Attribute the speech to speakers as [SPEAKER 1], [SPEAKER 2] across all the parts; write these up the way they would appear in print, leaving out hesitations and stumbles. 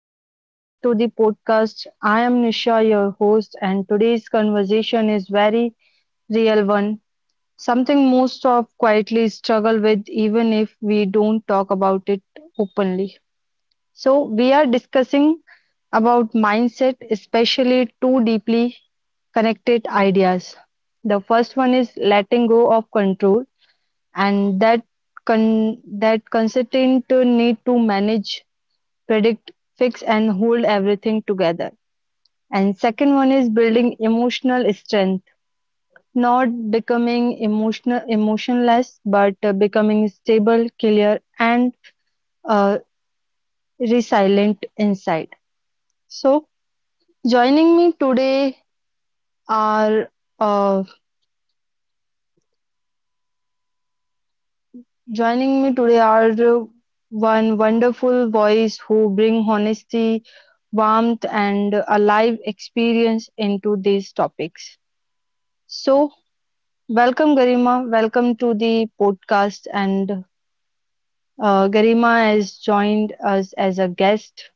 [SPEAKER 1] welcome back to the podcast. I am Nisha, your host, and today's conversation is very real one, something most of quietly struggle with, even if we don't talk about it openly. So, we are discussing about mindset, especially two deeply connected ideas. The first one is letting go of control, and con- that constant need to manage predict, fix and hold everything together. And second one is building emotional strength, not becoming emotional emotionless, but becoming stable, clear and uh, resilient inside. So joining me today are uh, joining me today are one wonderful voice who bring honesty, warmth and alive experience into these topics. So welcome, Garima. Welcome to the podcast. And Garima has joined us as a guest.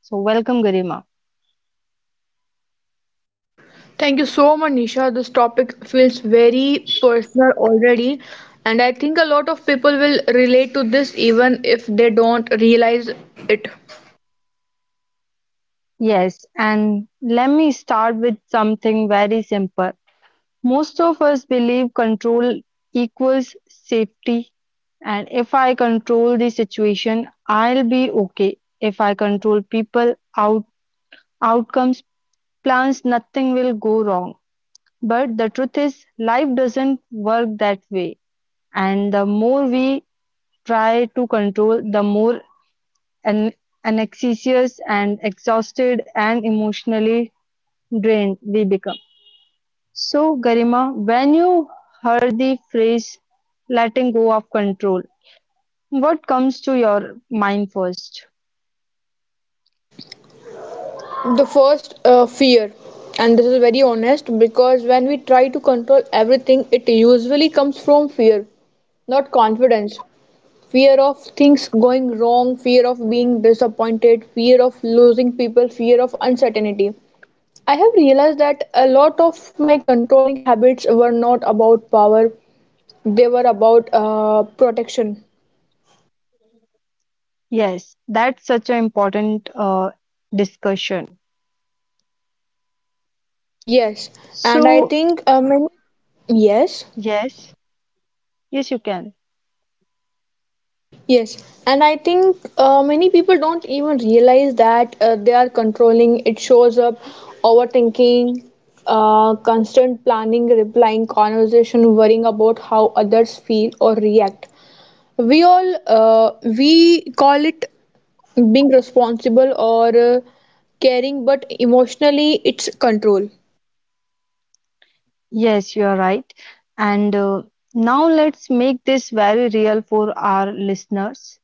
[SPEAKER 1] So, welcome, Garima.
[SPEAKER 2] Thank you so much, Nisha. This topic feels very personal already, and I think a lot of people will relate to this even if they don't realize it.
[SPEAKER 1] Yes, and let me start with something very simple. Most of us believe control equals safety, and if I control the situation, I'll be okay. If I control people, outcomes, plans, nothing will go wrong. But the truth is, life doesn't work that way. And the more we try to control, the more an- anxious and exhausted and emotionally drained we become. So, Garima, when you heard the phrase letting go of control, what comes to your mind first?
[SPEAKER 2] The first fear, and this is very honest because when we try to control everything, it usually comes from fear, not confidence. Fear of things going wrong, fear of being disappointed, fear of losing people, fear of uncertainty. I have realized that a lot of my controlling habits were not about power, they were about protection.
[SPEAKER 1] Yes, that's such an important discussion.
[SPEAKER 2] Yes, and
[SPEAKER 1] So,
[SPEAKER 2] yes,
[SPEAKER 1] yes, yes, you can.
[SPEAKER 2] I think many people don't even realize that they are controlling. It shows up overthinking, constant planning, replying, conversation, worrying about how others feel or react. We call it being responsible or caring, but emotionally it's control
[SPEAKER 1] Yes, you are right. And now let's make this very real for our listeners.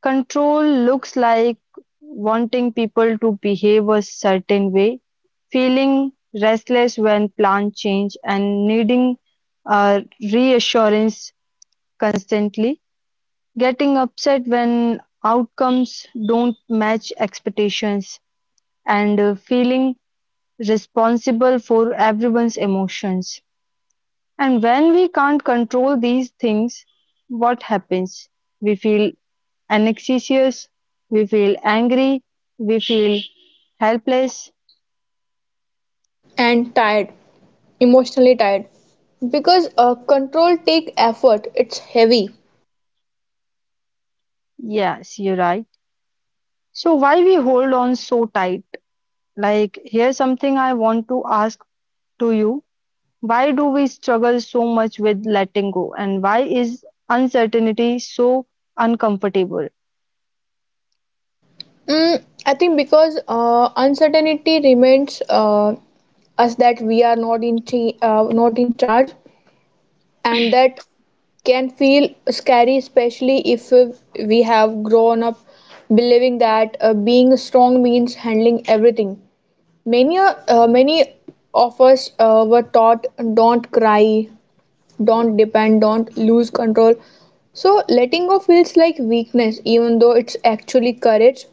[SPEAKER 1] Control looks like wanting people to behave a certain way, feeling restless when plans change, and needing uh, reassurance constantly, getting upset when outcomes don't match expectations, and feeling responsible for everyone's emotions. And when we can't control these things, what happens? We feel anxious, we feel angry, we feel helpless.
[SPEAKER 2] and tired, emotionally tired. Because control take effort, it's heavy.
[SPEAKER 1] Yes, you're right. So why we hold on so tight? Like here's something I want to ask to you. Why do we struggle so much with letting go and why is uncertainty so uncomfortable?
[SPEAKER 2] I think because uncertainty remains us that we are not not in charge, and that can feel scary, especially if we have grown up believing that being strong means handling everything. Many of us were taught don't cry, don't depend, don't lose control. So letting go feels like weakness, even though it's actually courage.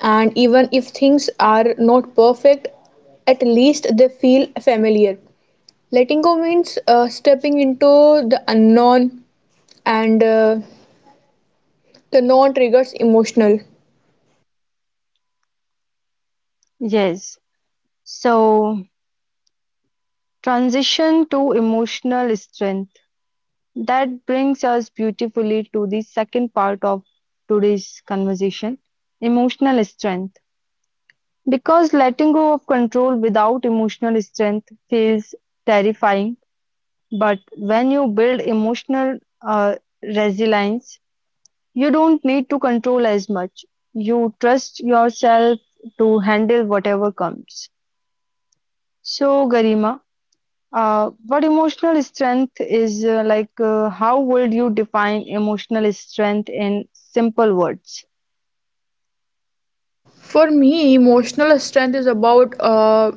[SPEAKER 2] And even if things are not perfect, at least they feel familiar. Letting go means stepping into the unknown, and the known triggers emotional.
[SPEAKER 1] Yes. So transition to emotional strength that brings us beautifully to the second part of today's conversation emotional strength. Because letting go of control without emotional strength feels terrifying, but when you build emotional uh, resilience, you don't need to control as much. You trust yourself to handle whatever comes. So, Garima, what emotional strength is like? How would you define emotional strength in simple words?
[SPEAKER 2] For me, emotional strength is about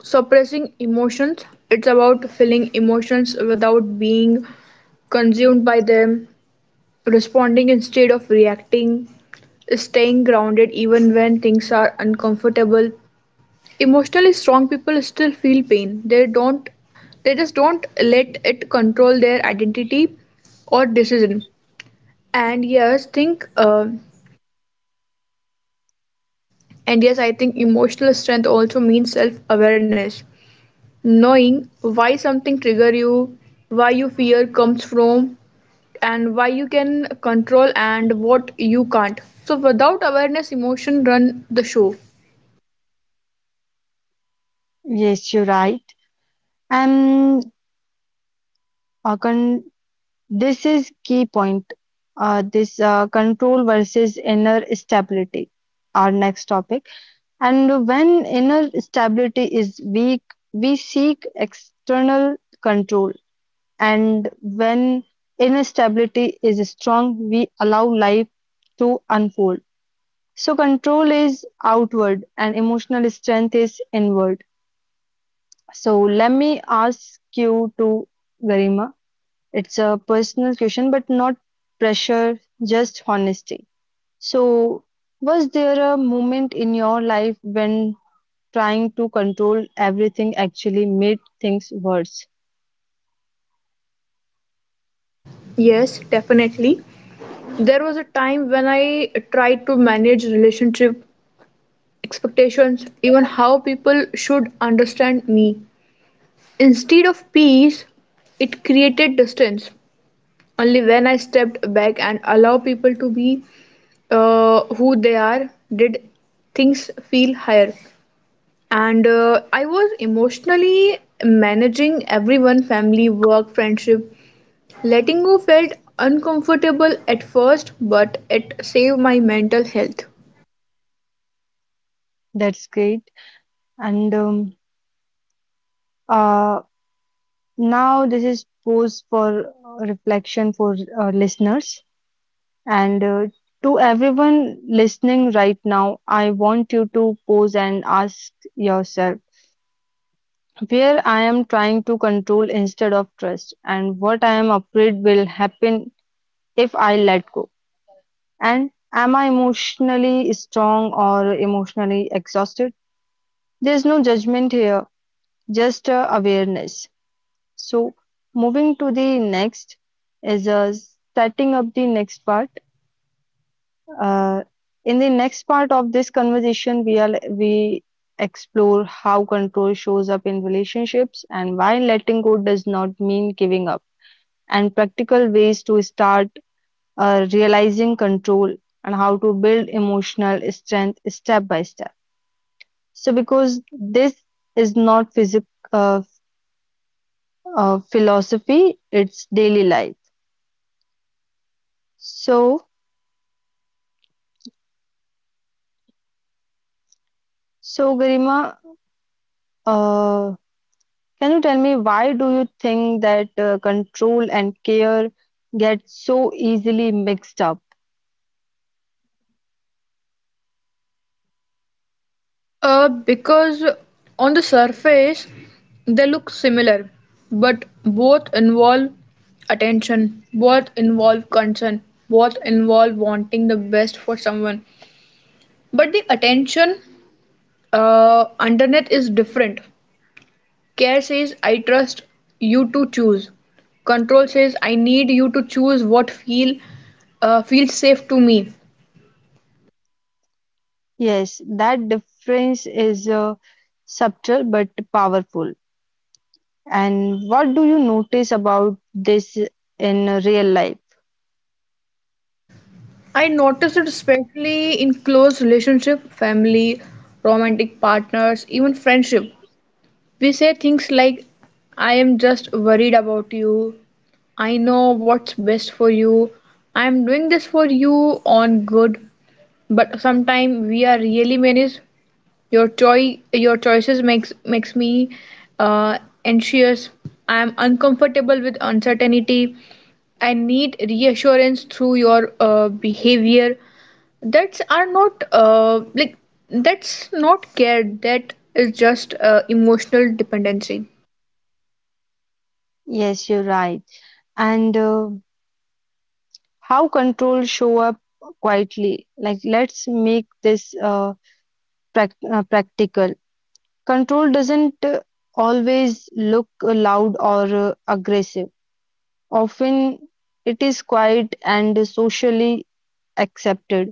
[SPEAKER 2] suppressing emotions, it's about feeling emotions without being consumed by them, responding instead of reacting, staying grounded even when things are uncomfortable. Emotionally strong people still feel pain. They just don't let it control their identity or decision. And yes, think uh, and yes, I think emotional strength also means self-awareness. Knowing why something trigger you, why you fear comes from, and why you can control and what you can't. So without awareness, emotion run the show.
[SPEAKER 1] Yes, you're right. And con This is key point. This control versus inner stability. Our next topic. And when inner stability is weak, we seek external control. And when inner stability is strong, we allow life to unfold. So control is outward and emotional strength is inward. So let me ask you to Garima it's a personal question, but not pressure, just honesty. So, was there a moment in your life when trying to control everything actually made things worse?
[SPEAKER 2] Yes, definitely. There was a time when I tried to manage relationship expectations, even how people should understand me. Instead of peace, it created distance. Only when I stepped back and allow people to be who they are did things feel higher, and I was emotionally managing everyone, family, work, friendship. Letting go felt uncomfortable at first, but it saved my mental health.
[SPEAKER 1] That's great. And uh, now this is pose for reflection for listeners and to everyone listening right now, I want you to pose and ask yourself. Where I am trying to control instead of trust, and what I am afraid will happen if I let go. And am I emotionally strong or emotionally exhausted? There's no judgment here, just awareness. So, moving to the next is setting up the next part. Uh, in the next part of this conversation, we explore how control shows up in relationships and why letting go does not mean giving up, and practical ways to start realizing control and how to build emotional strength step by step. So, because this is not physic uh, philosophy, it's daily life. So, so Garima, uh, can you tell me why do you think that control and care get so easily mixed up?
[SPEAKER 2] Because on the surface they look similar, but both involve attention, both involve concern, both involve wanting the best for someone. But the attention underneath is different. Care says, I trust you to choose. Control says, I need you to choose what feels safe to me.
[SPEAKER 1] Yes, that difference is subtle but powerful. And what do you notice about this in real life?
[SPEAKER 2] I notice it especially in close relationship, family, romantic partners, even friendship. We say things like I am just worried about you. I know what's best for you. I am doing this for you on good, but sometimes we are really managed. Your choices makes me uh, anxious. I am uncomfortable with uncertainty. I need reassurance through your behavior. That's are not uh, like that's not care. That is just emotional dependency.
[SPEAKER 1] Yes, you're right. And how control show up quietly? Like let's make this practical. Control doesn't always look loud or aggressive. Often it is quiet and socially accepted.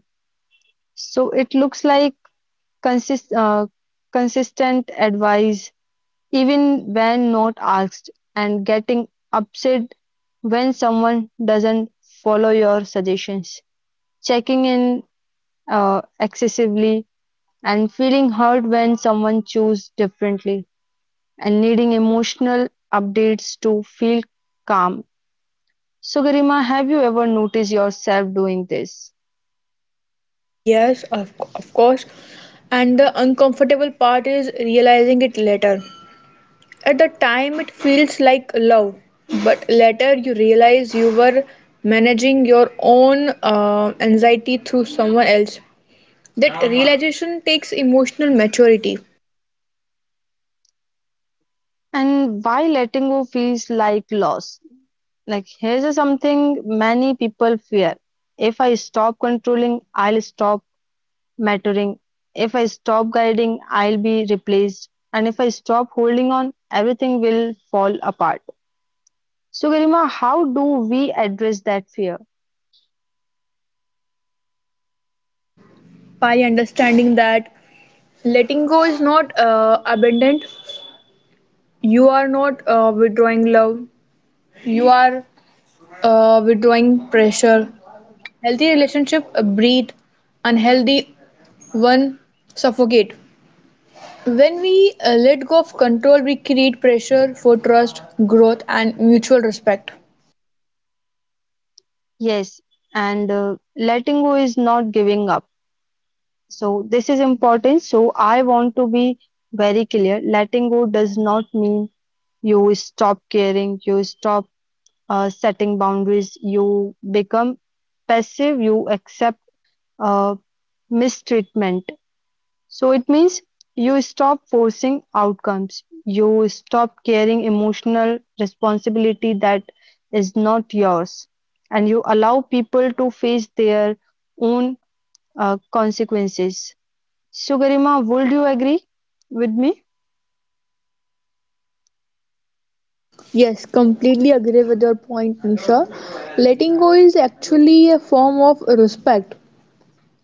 [SPEAKER 1] So it looks like consist uh, consistent advice even when not asked, and getting upset when someone doesn't follow your suggestions, checking in excessively, and feeling hurt when someone chooses differently, and needing emotional updates to feel calm. So, Garima, have you ever noticed yourself doing this?
[SPEAKER 2] Yes, of course. And the uncomfortable part is realizing it later. At the time, it feels like love, but later you realize you were managing your own anxiety through someone else. That realization takes emotional maturity.
[SPEAKER 1] And why letting go feels like loss? Like, here's a something many people fear. If I stop controlling, I'll stop mattering. If I stop guiding, I'll be replaced. And if I stop holding on, everything will fall apart. So, Garima, how do we address that fear?
[SPEAKER 2] By understanding that letting go is not abandoned, you are not withdrawing love, you are withdrawing pressure. Healthy relationship breathe, unhealthy one suffocate. When we let go of control, we create pressure for trust, growth, and mutual respect.
[SPEAKER 1] Yes, and letting go is not giving up. So, this is important. So, I want to be very clear letting go does not mean you stop caring, you stop setting boundaries, you become passive, you accept uh, mistreatment. So it means you stop forcing outcomes. You stop carrying emotional responsibility that is not yours. And you allow people to face their own consequences. So, Garima, would you agree with me?
[SPEAKER 2] Yes, completely agree with your point, Nisha. Letting go is actually a form of respect.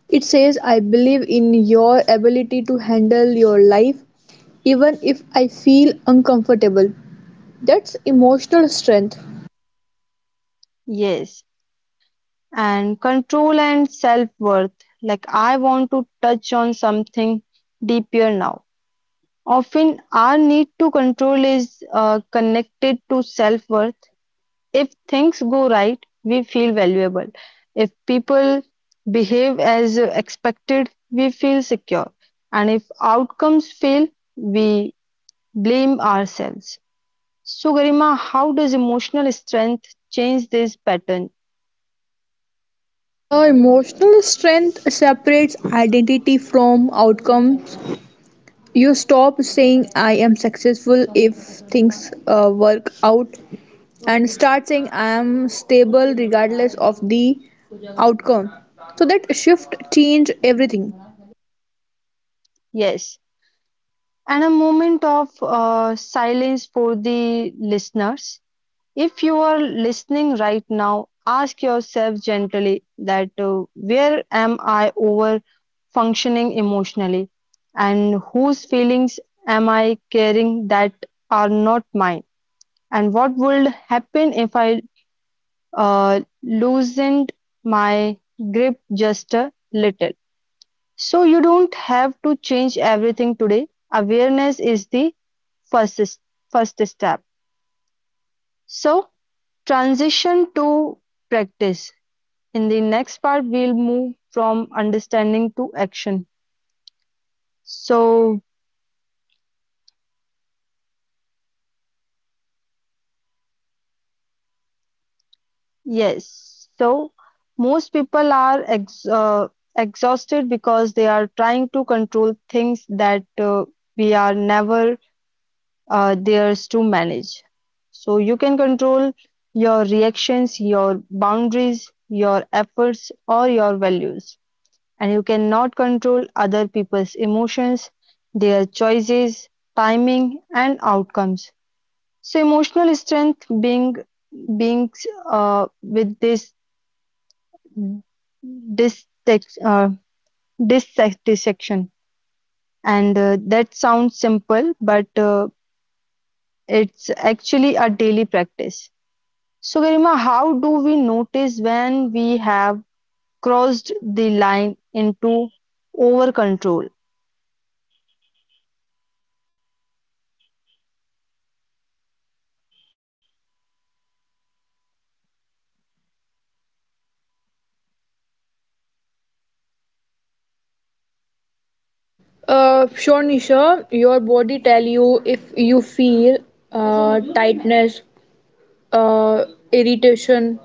[SPEAKER 2] It says, I believe in your ability to handle your life, even if I feel uncomfortable. That's emotional strength.
[SPEAKER 1] Yes. And control and self worth. Like, I want to touch on something deeper now. Often, our need to control is connected to self worth. If things go right, we feel valuable. If people behave as expected, we feel secure. And if outcomes fail, we blame ourselves. So, Garima, how does emotional strength change this pattern?
[SPEAKER 2] Emotional strength separates identity from outcomes. You stop saying I am successful if things work out and start saying I am stable regardless of the outcome. So that shift change everything.
[SPEAKER 1] Yes. And a moment of silence for the listeners. If you are listening right now, ask yourself gently that where am I over functioning emotionally and whose feelings am I carrying that are not mine and what would happen if I loosened my grip just a little. So you don't have to change everything today. Awareness is the first first step. So transition to practice in the next part we'll move from understanding to action. So yes, so most people are exhausted because they are trying to control things that we are never theirs to manage. So you can control your reactions your boundaries your efforts or your values, and you cannot control other people's emotions, their choices, timing and outcomes. So emotional strength being with this this text dissatisfaction, and that sounds simple but it's actually a daily practice. So Garima, how do we notice when we have crossed the line into over control?
[SPEAKER 2] Sure, Nisha. Your body tell you if you feel tightness, uh, irritation,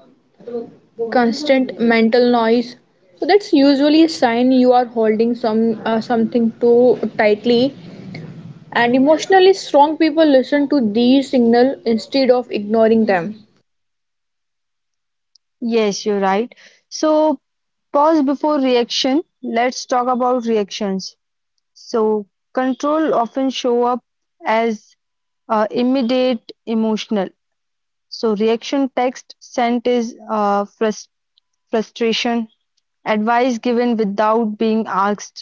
[SPEAKER 2] constant mental noise, so that's usually a sign you are holding something too tightly, and emotionally strong people listen to these signals instead of ignoring them.
[SPEAKER 1] Yes, you're right. So pause before reaction, let's talk about reactions. So control often show up as immediate emotional. So reaction text sent is frustration, advice given without being asked,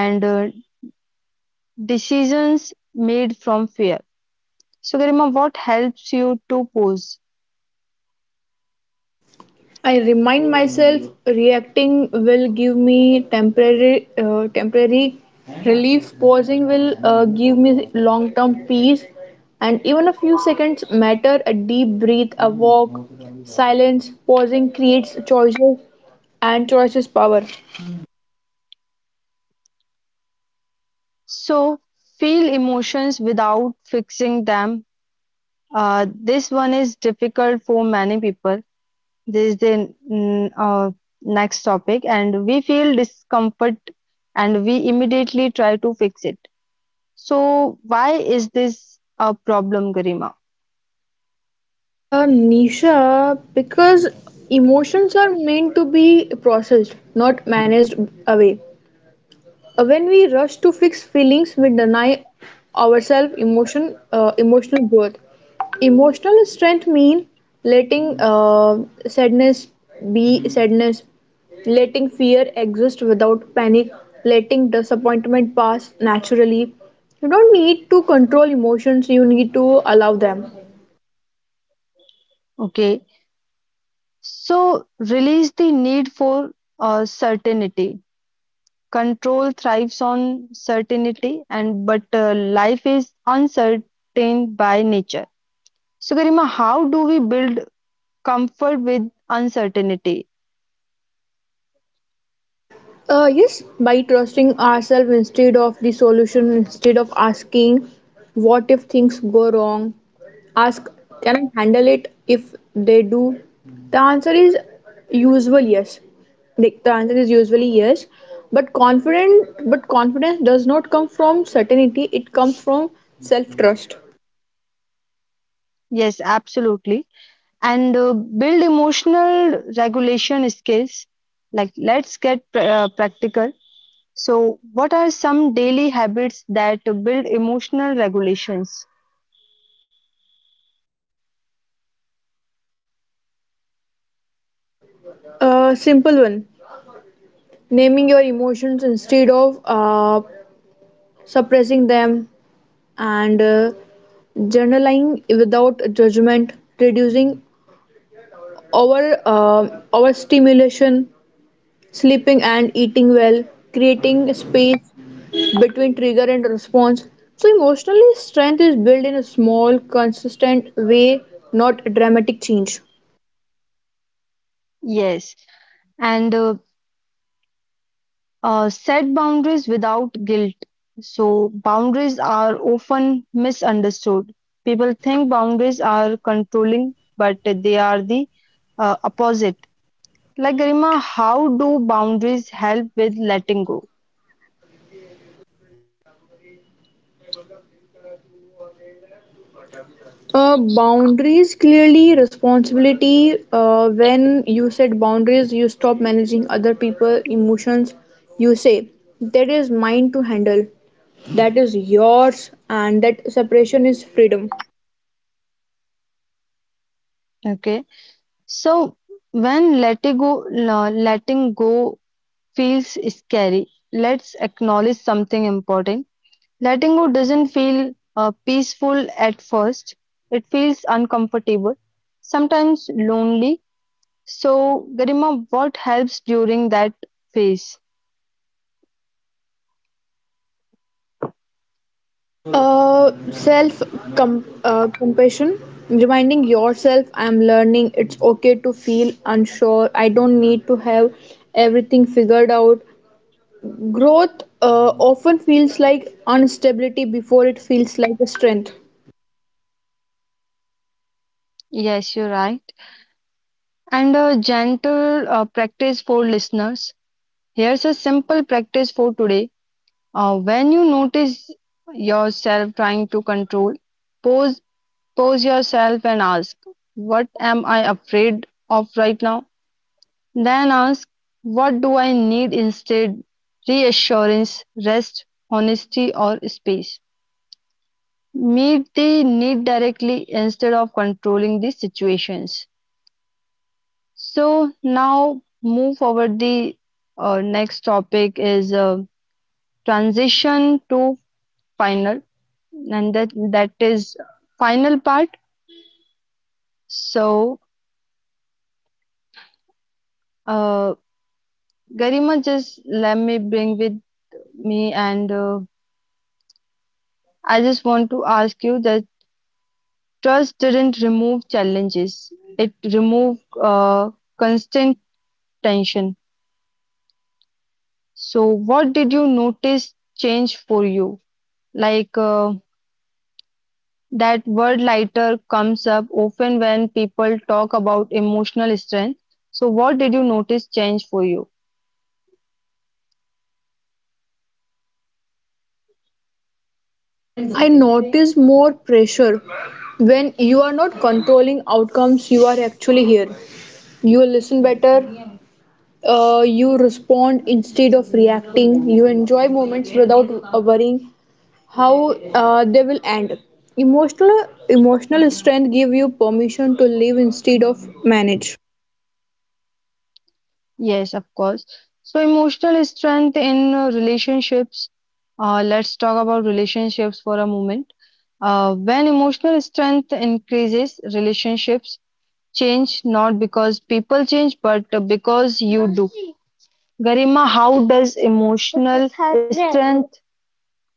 [SPEAKER 1] and decisions made from fear. So Garima, what helps you to pose?
[SPEAKER 2] I remind myself reacting will give me temporary relief, pausing will give me long term peace. And even a few seconds matter, a deep breath, a walk, silence. Pausing creates choices, and choices power.
[SPEAKER 1] So feel emotions without fixing them. This one is difficult for many people. This is the next topic, and we feel discomfort and we immediately try to fix it. So, why is this a problem, Garima?
[SPEAKER 2] Nisha, because emotions are meant to be processed, not managed away. When we rush to fix feelings, we deny ourselves emotional growth. Emotional strength means letting sadness be sadness, letting fear exist without panic, letting disappointment pass naturally. You don't need to control emotions, you need to allow them.
[SPEAKER 1] Okay, so release the need for certainty. Control thrives on certainty, and but life is uncertain by nature. So, Garima, how do we build comfort with uncertainty?
[SPEAKER 2] Yes, by trusting ourselves instead of the solution, instead of asking, what if things go wrong? Ask, can I handle it if they do? The answer is usually yes. Like, the answer is usually yes. But confidence does not come from certainty. It comes from self-trust.
[SPEAKER 1] Yes, absolutely. And build emotional regulation skills. Like, let's get practical. So, what are some daily habits that build emotional regulations?
[SPEAKER 2] A simple one: naming your emotions instead of suppressing them, and journaling without judgment, reducing over uh, overstimulation, sleeping and eating well, creating space between trigger and response. So emotionally, strength is built in a small, consistent way, not a dramatic change.
[SPEAKER 1] Yes, and set boundaries without guilt. So, boundaries are often misunderstood. People think boundaries are controlling, but they are the opposite. Like, Garima, how do boundaries help with letting go?
[SPEAKER 2] Boundaries clearly responsibility. When you set boundaries, you stop managing other people' emotions. You say, that is mine to handle, that is yours, and that separation is freedom.
[SPEAKER 1] Okay. So when letting go, letting go feels scary, let's acknowledge something important. Letting go doesn't feel peaceful at first. It feels uncomfortable, sometimes lonely. So, Garima, what helps during that phase?
[SPEAKER 2] Self compassion, reminding yourself, I am learning, it's okay to feel unsure, I don't need to have everything figured out. Growth often feels like instability before it feels like a strength.
[SPEAKER 1] Yes, you're right. And a gentle practice for listeners. Here's a simple practice for today. When you notice yourself trying to control, pause. Pose yourself and ask, what am I afraid of right now? Then ask, what do I need instead? Reassurance, rest, honesty, or space. Meet the need directly instead of controlling the situations. So now move forward. The next topic is transition to final, and that is final part. So uh, Garima, just let me bring with me, and I just want to ask you that trust didn't remove challenges; it removed constant tension. So, what did you notice change for you? Like that word lighter comes up often when people talk about emotional strength. So, what did you notice change for you?
[SPEAKER 2] I notice more pressure when you are not controlling outcomes, you are actually here. You listen better, you respond instead of reacting, you enjoy moments without worrying how they will end. Emotional strength give you permission to live instead of manage.
[SPEAKER 1] Yes, of course. So, emotional strength in relationships. Let's talk about relationships for a moment. When emotional strength increases, relationships change not because people change, but because you do. Garima, how does emotional strength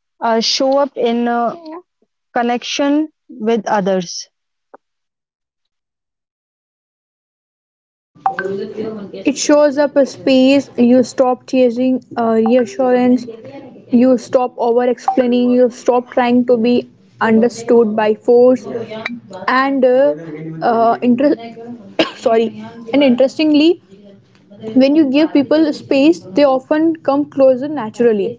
[SPEAKER 1] show up in connection with others?
[SPEAKER 2] It shows up a space, you stop chasing reassurance, you stop over explaining, you stop trying to be understood by force, and uh, uh, inter- sorry, and interestingly, when you give people space, they often come closer naturally.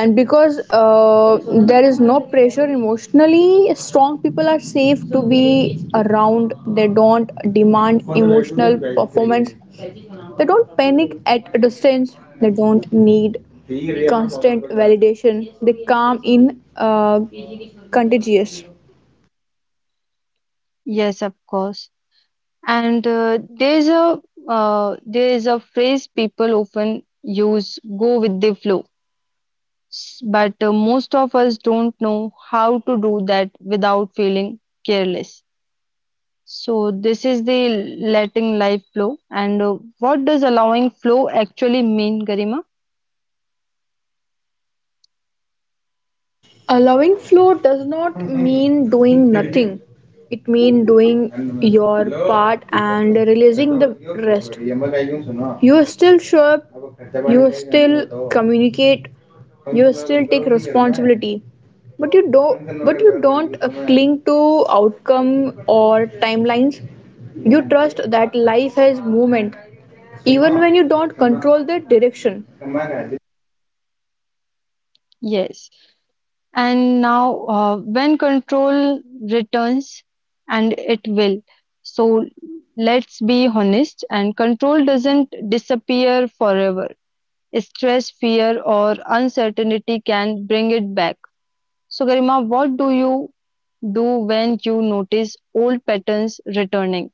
[SPEAKER 2] And because there is no pressure, emotionally strong people are safe to be around. They don't demand emotional performance, they don't panic at a distance, they don't need constant validation. They calm in contagious.
[SPEAKER 1] Yes, of course. And there's a phrase people often use, go with the flow. But most of us don't know how to do that without feeling careless. So this is the letting life flow. And what does allowing flow actually mean, Garima?
[SPEAKER 2] Allowing flow does not mean doing nothing. It means doing your part and releasing the rest. You still show up, you still communicate, you still take responsibility. But you don't cling to outcome or timelines. You trust that life has movement even when you don't control the direction.
[SPEAKER 1] Yes. And now, when control returns, and it will. So let's be honest, and control doesn't disappear forever. Stress, fear, or uncertainty can bring it back. So, Garima, what do you do when you notice old patterns returning?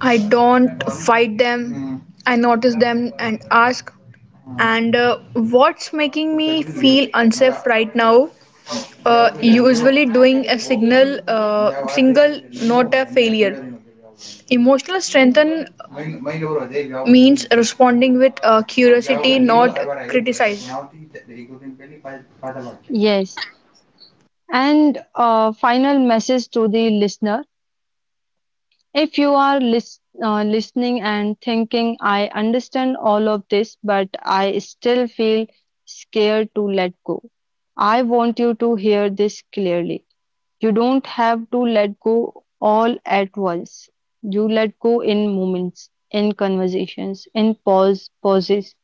[SPEAKER 2] I don't fight them. I notice them and ask. And what's making me feel unsafe right now? Usually doing a single, not a failure. Emotional strengthen means responding with curiosity, not criticize.
[SPEAKER 1] Yes. And final message to the listener. If you are listening and thinking, I understand all of this, but I still feel scared to let go, I want you to hear this clearly. You don't have to let go all at once. You let go in moments, in conversations, pauses,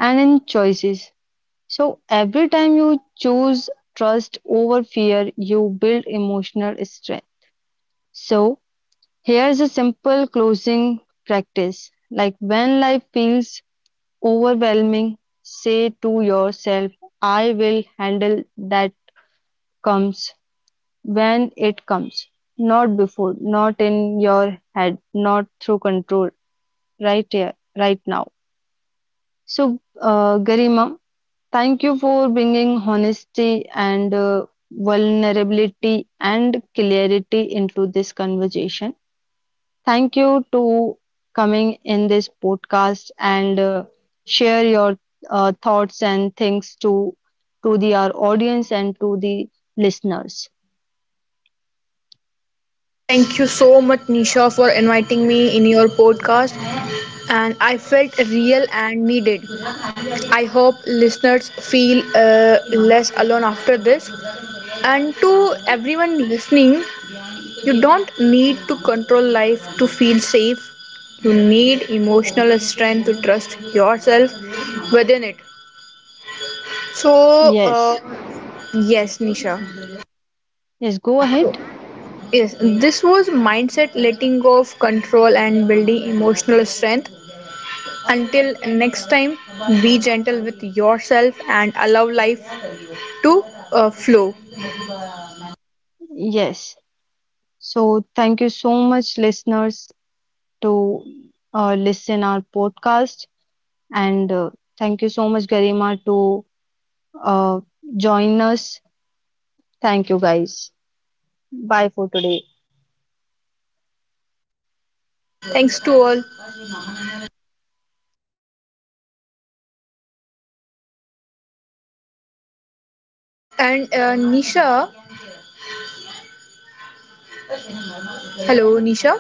[SPEAKER 1] and in choices. So every time you choose trust over fear, you build emotional strength. So here's a simple closing practice like when life feels overwhelming, say to yourself, I will handle that comes when it comes, not before, not in your head, not through control, right here, right now. So, Garima, thank you for bringing honesty and vulnerability and clarity into this conversation. Thank you to coming in this podcast and share your thoughts and things to the our audience and to the listeners.
[SPEAKER 2] Thank you so much, Nisha, for inviting me in your podcast. And I felt real and needed. I hope listeners feel less alone after this. And to everyone listening, you don't need to control life to feel safe. You need emotional strength to trust yourself within it. So,
[SPEAKER 1] Yes.
[SPEAKER 2] yes, Nisha.
[SPEAKER 1] Yes, go ahead.
[SPEAKER 2] Yes, this was mindset letting go of control and building emotional strength. Until next time, be gentle with yourself and allow life to flow.
[SPEAKER 1] Yes. So thank you so much listeners to listen our podcast and thank you so much Garima to uh, join us. Thank you guys. Bye for today.
[SPEAKER 2] Yes, thanks to all. And Nisha, hello, Nisha.